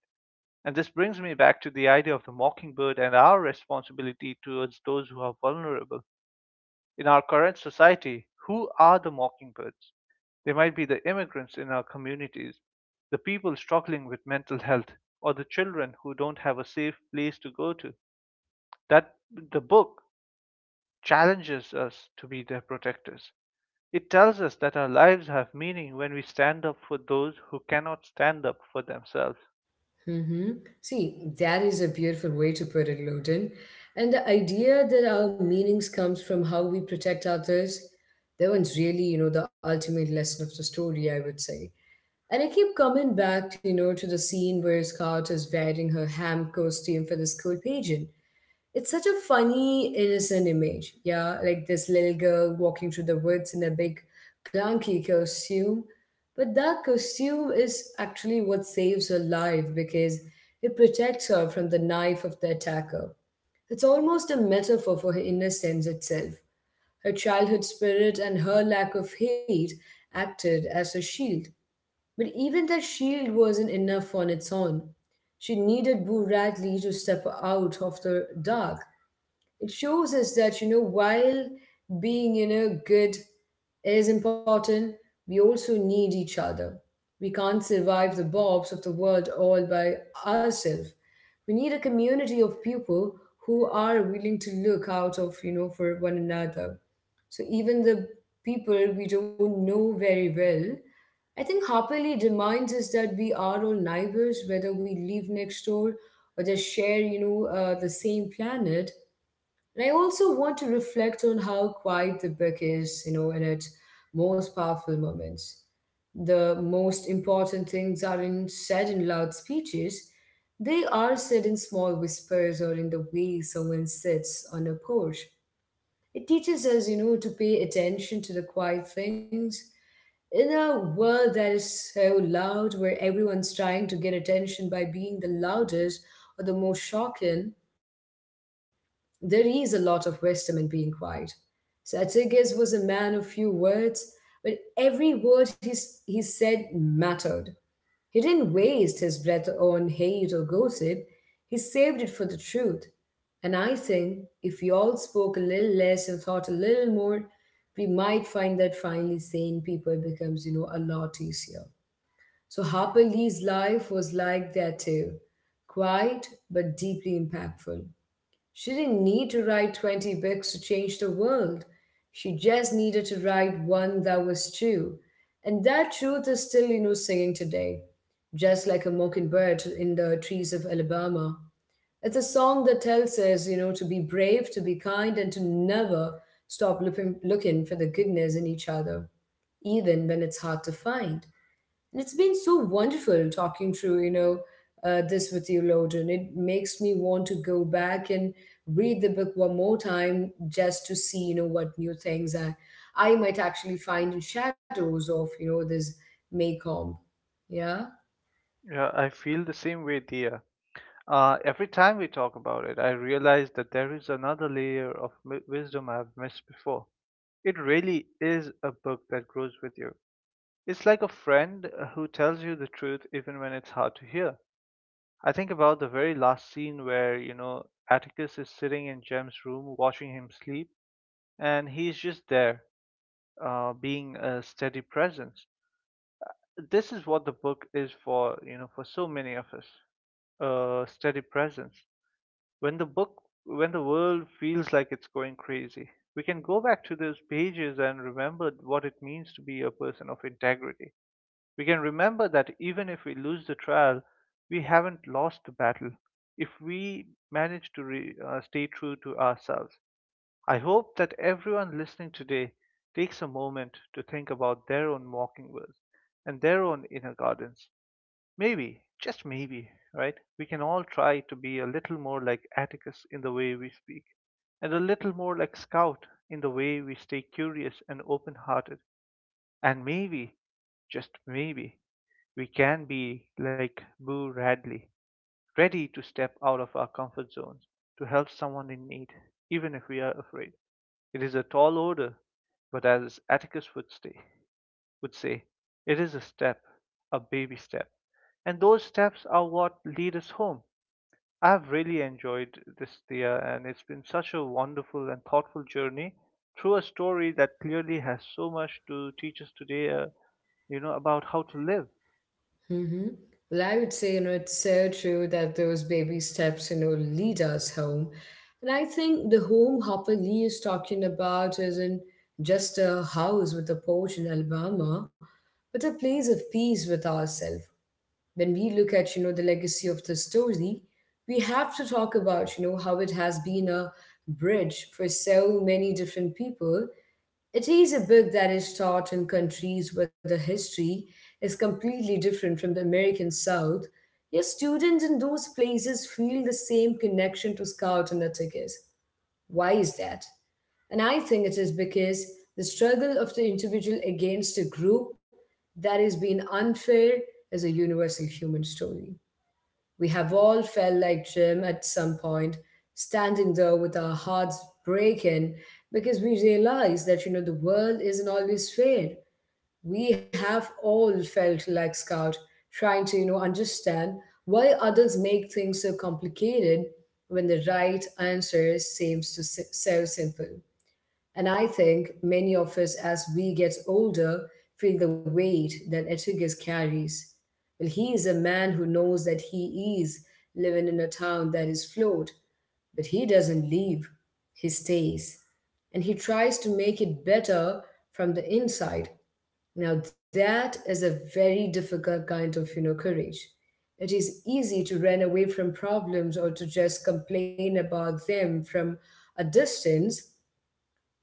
Speaker 2: And this brings me back to the idea of the mockingbird and our responsibility towards those who are vulnerable. In our current society, who are the mockingbirds? They might be the immigrants in our communities, the people struggling with mental health, or the children who don't have a safe place to go to. That the book challenges us to be their protectors. It tells us that our lives have meaning when we stand up for those who cannot stand up for themselves.
Speaker 1: Mm-hmm. See, that is a beautiful way to put it, Loden. And the idea that our meanings comes from how we protect others, that one's really, you know, the ultimate lesson of the story, I would say. And I keep coming back, to, you know, to the scene where Scout is wearing her ham costume for the school pageant. It's such a funny, innocent image. Yeah, like this little girl walking through the woods in a big, clunky costume. But that costume is actually what saves her life because it protects her from the knife of the attacker. It's almost a metaphor for her innocence itself. Her childhood spirit and her lack of hate acted as a shield. But even that shield wasn't enough on its own. She needed Boo Radley to step out of the dark. It shows us that, you know, while being, you know, good is important, we also need each other. We can't survive the bobs of the world all by ourselves. We need a community of people who are willing to look out of, you know, for one another. So even the people we don't know very well, I think Happily reminds us that we are all neighbors, whether we live next door or just share, the same planet. And I also want to reflect on how quiet the book is, you know, in its most powerful moments. The most important things aren't said in loud speeches. They are said in small whispers or in the way someone sits on a porch it teaches us, you know, to pay attention to the quiet things. In a world that is so loud, where everyone's trying to get attention by being the loudest or the most shocking, there is a lot of wisdom in being quiet. Satyagis was a man of few words, but every word he said mattered. He didn't waste his breath on hate or gossip, he saved it for the truth. And I think if we all spoke a little less and thought a little more, we might find that finally sane people becomes, you know, a lot easier. So Harper Lee's life was like that too. Quiet but deeply impactful. She didn't need to write 20 books to change the world. She just needed to write one that was true. And that truth is still, you know, singing today, just like a mockingbird in the trees of Alabama. It's a song that tells us, you know, to be brave, to be kind, and to never stop looking, looking for the goodness in each other, even when it's hard to find. And it's been so wonderful talking through, this with you, Loden. It makes me want to go back and read the book one more time just to see, you know, what new things I might actually find in shadows of, you know, this Maycomb. Yeah.
Speaker 2: Yeah, I feel the same way, dear. Every time we talk about it, I realize that there is another layer of wisdom I've missed before. It really is a book that grows with you. It's like a friend who tells you the truth even when it's hard to hear. I think about the very last scene where, you know, Atticus is sitting in Jem's room watching him sleep, and he's just there, being a steady presence. This is what the book is for, you know, for so many of us. A steady presence. When the book, when the world feels like it's going crazy, we can go back to those pages and remember what it means to be a person of integrity. We can remember that even if we lose the trial, we haven't lost the battle. If we manage to stay true to ourselves, I hope that everyone listening today takes a moment to think about their own walking mockingbirds and their own inner gardens. Maybe, just maybe, right? We can all try to be a little more like Atticus in the way we speak, and a little more like Scout in the way we stay curious and open hearted. And maybe, just maybe, we can be like Boo Radley, ready to step out of our comfort zones to help someone in need, even if we are afraid. It is a tall order, but as Atticus would say, it is a step, a baby step. And those steps are what lead us home. I've really enjoyed this, Thea, and it's been such a wonderful and thoughtful journey through a story that clearly has so much to teach us today, you know, about how to live.
Speaker 1: Mm-hmm. Well, I would say, you know, it's so true that those baby steps, you know, lead us home. And I think the home Hopper Lee is talking about isn't just a house with a porch in Alabama, but a place of peace with ourselves. When we look at, you know, the legacy of the story, we have to talk about, you know, how it has been a bridge for so many different people it is a book that is taught in countries where the history is completely different from the American South, yet students in those places feel the same connection to Scout and Atticus. Why is that? And I think it is because the struggle of the individual against a group that is being unfair is a universal human story. We have all felt like Jim at some point, standing there with our hearts breaking because we realize that the world isn't always fair. We have all felt like Scout, trying to understand why others make things so complicated when the right answer seems to so simple. And I think many of us, as we get older, feel the weight that Atticus carries. Well, he is a man who knows that he is living in a town that is flawed, but he doesn't leave, he stays. And he tries to make it better from the inside. Now, that is a very difficult kind of, courage. It is easy to run away from problems or to just complain about them from a distance,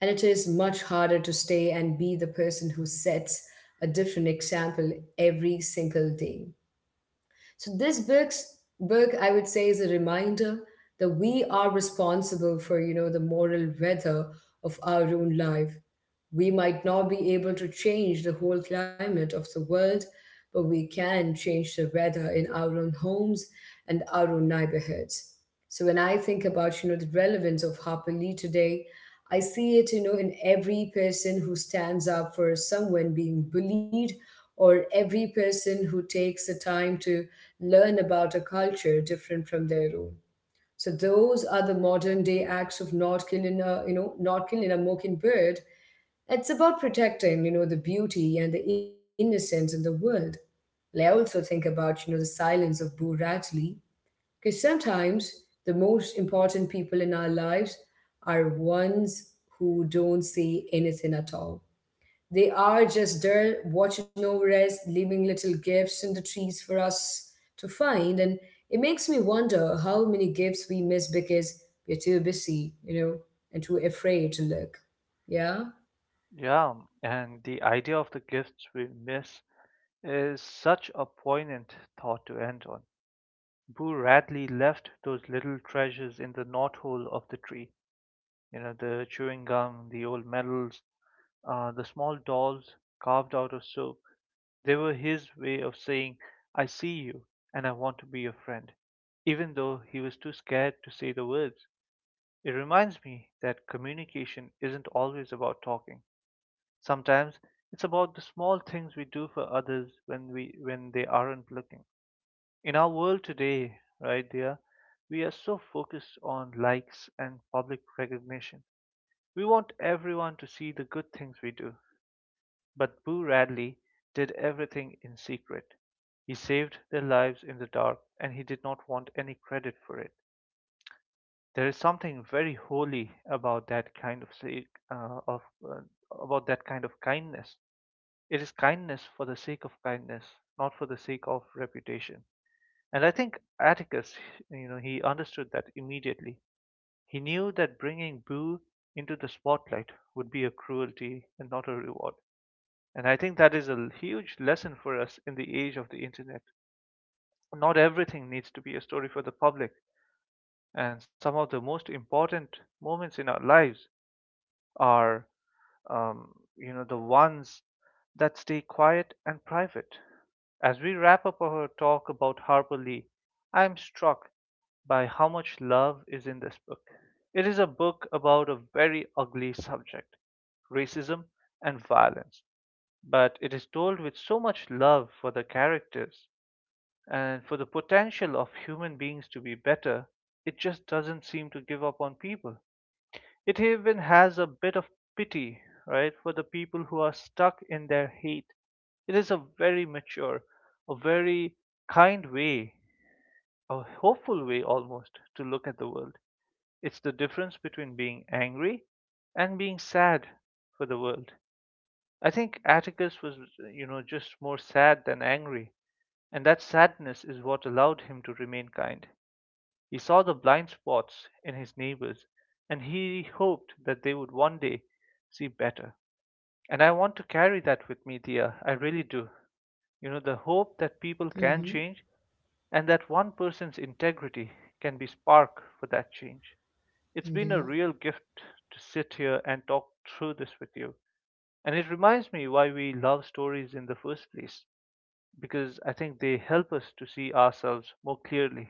Speaker 1: and it is much harder to stay and be the person who sets a different example every single day. So this book's book, I would say, is a reminder that we are responsible for, the moral weather of our own life. We might not be able to change the whole climate of the world, but we can change the weather in our own homes and our own neighborhoods. So when I think about, the relevance of Harper Lee today, I see it, in every person who stands up for someone being bullied or every person who takes the time to learn about a culture different from their own. So those are the modern day acts of not killing a, not killing a mockingbird. It's about protecting, the beauty and the innocence in the world. And I also think about, the silence of Boo Radley, because sometimes the most important people in our lives are ones who don't say anything at all. They are just there watching over us, leaving little gifts in the trees for us to find. And it makes me wonder how many gifts we miss because we're too busy, and too afraid to look. Yeah?
Speaker 2: Yeah, and the idea of the gifts we miss is such a poignant thought to end on. Boo Radley left those little treasures in the knothole of the tree. You know, the chewing gum, the old medals, the small dolls carved out of soap. They were his way of saying, "I see you and I want to be your friend," even though he was too scared to say the words. It reminds me that communication isn't always about talking. Sometimes it's about the small things we do for others when we when they aren't looking. In our world today, right there, we are so focused on likes and public recognition. We want everyone to see the good things we do. But Boo Radley did everything in secret. He saved their lives in the dark and he did not want any credit for it. There is something very holy about that kind of sake, of about that kind of kindness. It is kindness for the sake of kindness, not for the sake of reputation. And I think Atticus, you know, he understood that immediately. He knew that bringing Boo into the spotlight would be a cruelty and not a reward. And I think that is a huge lesson for us in the age of the internet. Not everything needs to be a story for the public, and some of the most important moments in our lives are um, you know, the ones that stay quiet and private. As we wrap up our talk about Harper Lee, I am struck by how much love is in this book. It is a book about a very ugly subject, racism and violence, but it is told with so much love for the characters and for the potential of human beings to be better. It just doesn't seem to give up on people. It even has a bit of pity, right, for the people who are stuck in their hate. It is a very mature, a very kind way, a hopeful way almost to look at the world. It's the difference between being angry and being sad for the world. I think Atticus was, you know, just more sad than angry, and that sadness is what allowed him to remain kind. He saw the blind spots in his neighbors and he hoped that they would one day see better. And I want to carry that with me, dear. I really do. You know, the hope that people can
Speaker 1: Mm-hmm.
Speaker 2: change and that one person's integrity can be spark for that change. It's been a
Speaker 1: Yeah.
Speaker 2: real gift to sit here and talk through this with you. And it reminds me why we love stories in the first place, because I think they help us to see ourselves more clearly.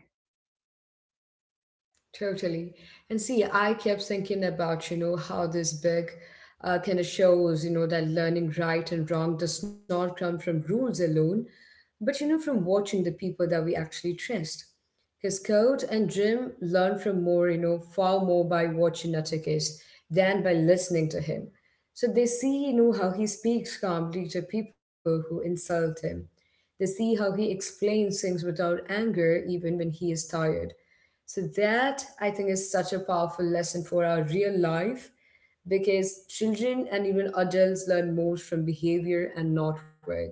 Speaker 1: Totally. And see, I kept thinking about, how this big kind of shows, that learning right and wrong does not come from rules alone, but from watching the people that we actually trust. Because Code and Jim learn from more, far more by watching Natakis than by listening to him. So they see, how he speaks calmly to people who insult him. They see how he explains things without anger, even when he is tired. So that, I think, is such a powerful lesson for our real life, because children and even adults learn most from behavior and not words.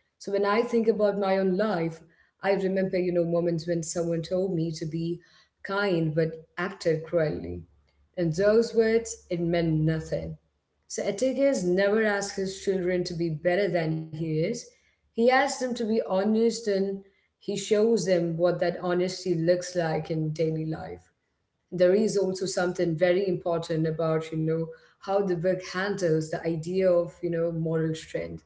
Speaker 1: So when I think about my own life, I remember, moments when someone told me to be kind but acted cruelly. In those words, it meant nothing. So Etiquette never asks his children to be better than he is. He asks them to be honest, and he shows them what that honesty looks like in daily life. There is also something very important about, how the book handles the idea of, moral strength.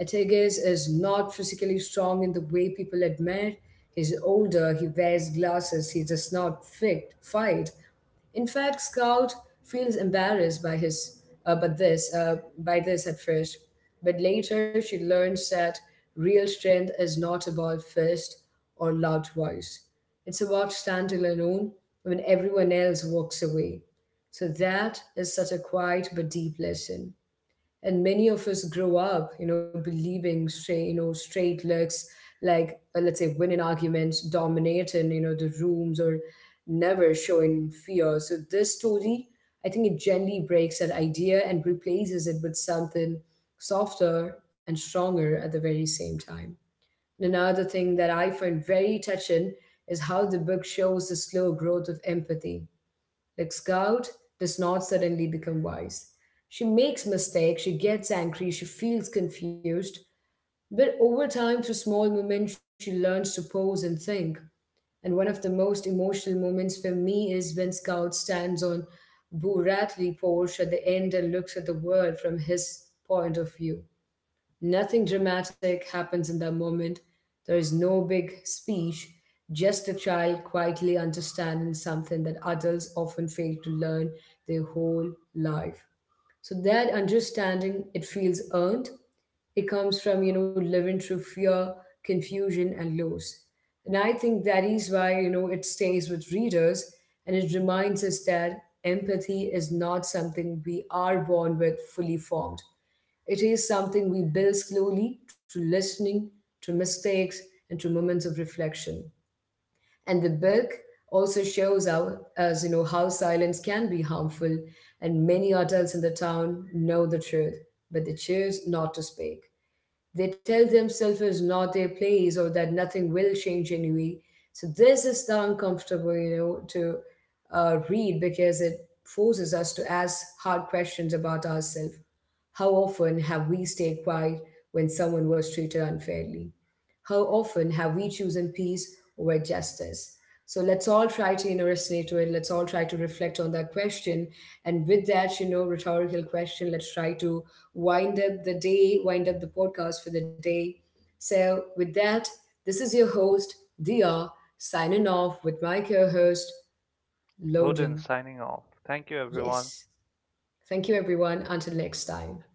Speaker 1: Atagas is not physically strong in the way people admire. He's older, he wears glasses, he does not fight. In fact, Scout feels embarrassed by his but this by this at first, but later she learns that real strength is not about fist or loud voice. It's about standing alone when everyone else walks away. So that is such a quiet but deep lesson. And many of us grow up believing straight you know straight looks like let's say winning arguments, dominating the rooms, or never showing fear. So this story, I think, it gently breaks that idea and replaces it with something softer and stronger at the very same time. And another thing that I find very touching is how the book shows the slow growth of empathy. Like Scout does not suddenly become wise. She makes mistakes, she gets angry, she feels confused, but over time, through small moments, she learns to pause and think. And one of the most emotional moments for me is when Scout stands on Boo Ratley porch at the end and looks at the world from his point of view. Nothing dramatic happens in that moment. There is no big speech, just a child quietly understanding something that adults often fail to learn their whole life. So that understanding, it feels earned. It comes from, living through fear, confusion, and loss. And I think that is why, it stays with readers, and it reminds us that empathy is not something we are born with fully formed. It is something we build slowly through listening, through mistakes, and through moments of reflection. And the book also shows us, how silence can be harmful, and many adults in the town know the truth, but they choose not to speak. They tell themselves it's not their place or that nothing will change anyway. So this is the uncomfortable, you know, to read, because it forces us to ask hard questions about ourselves. How often have we stayed quiet when someone was treated unfairly? How often have we chosen peace over justice? So let's all try to resonate to it. Let's all try to reflect on that question. And with that, rhetorical question, let's try to wind up the podcast for the day. So, with that, this is your host, Dia, signing off with my co host,
Speaker 2: Loden
Speaker 1: Loden.
Speaker 2: signing off. Thank you, everyone.
Speaker 1: Yes. Thank you, everyone. Until next time.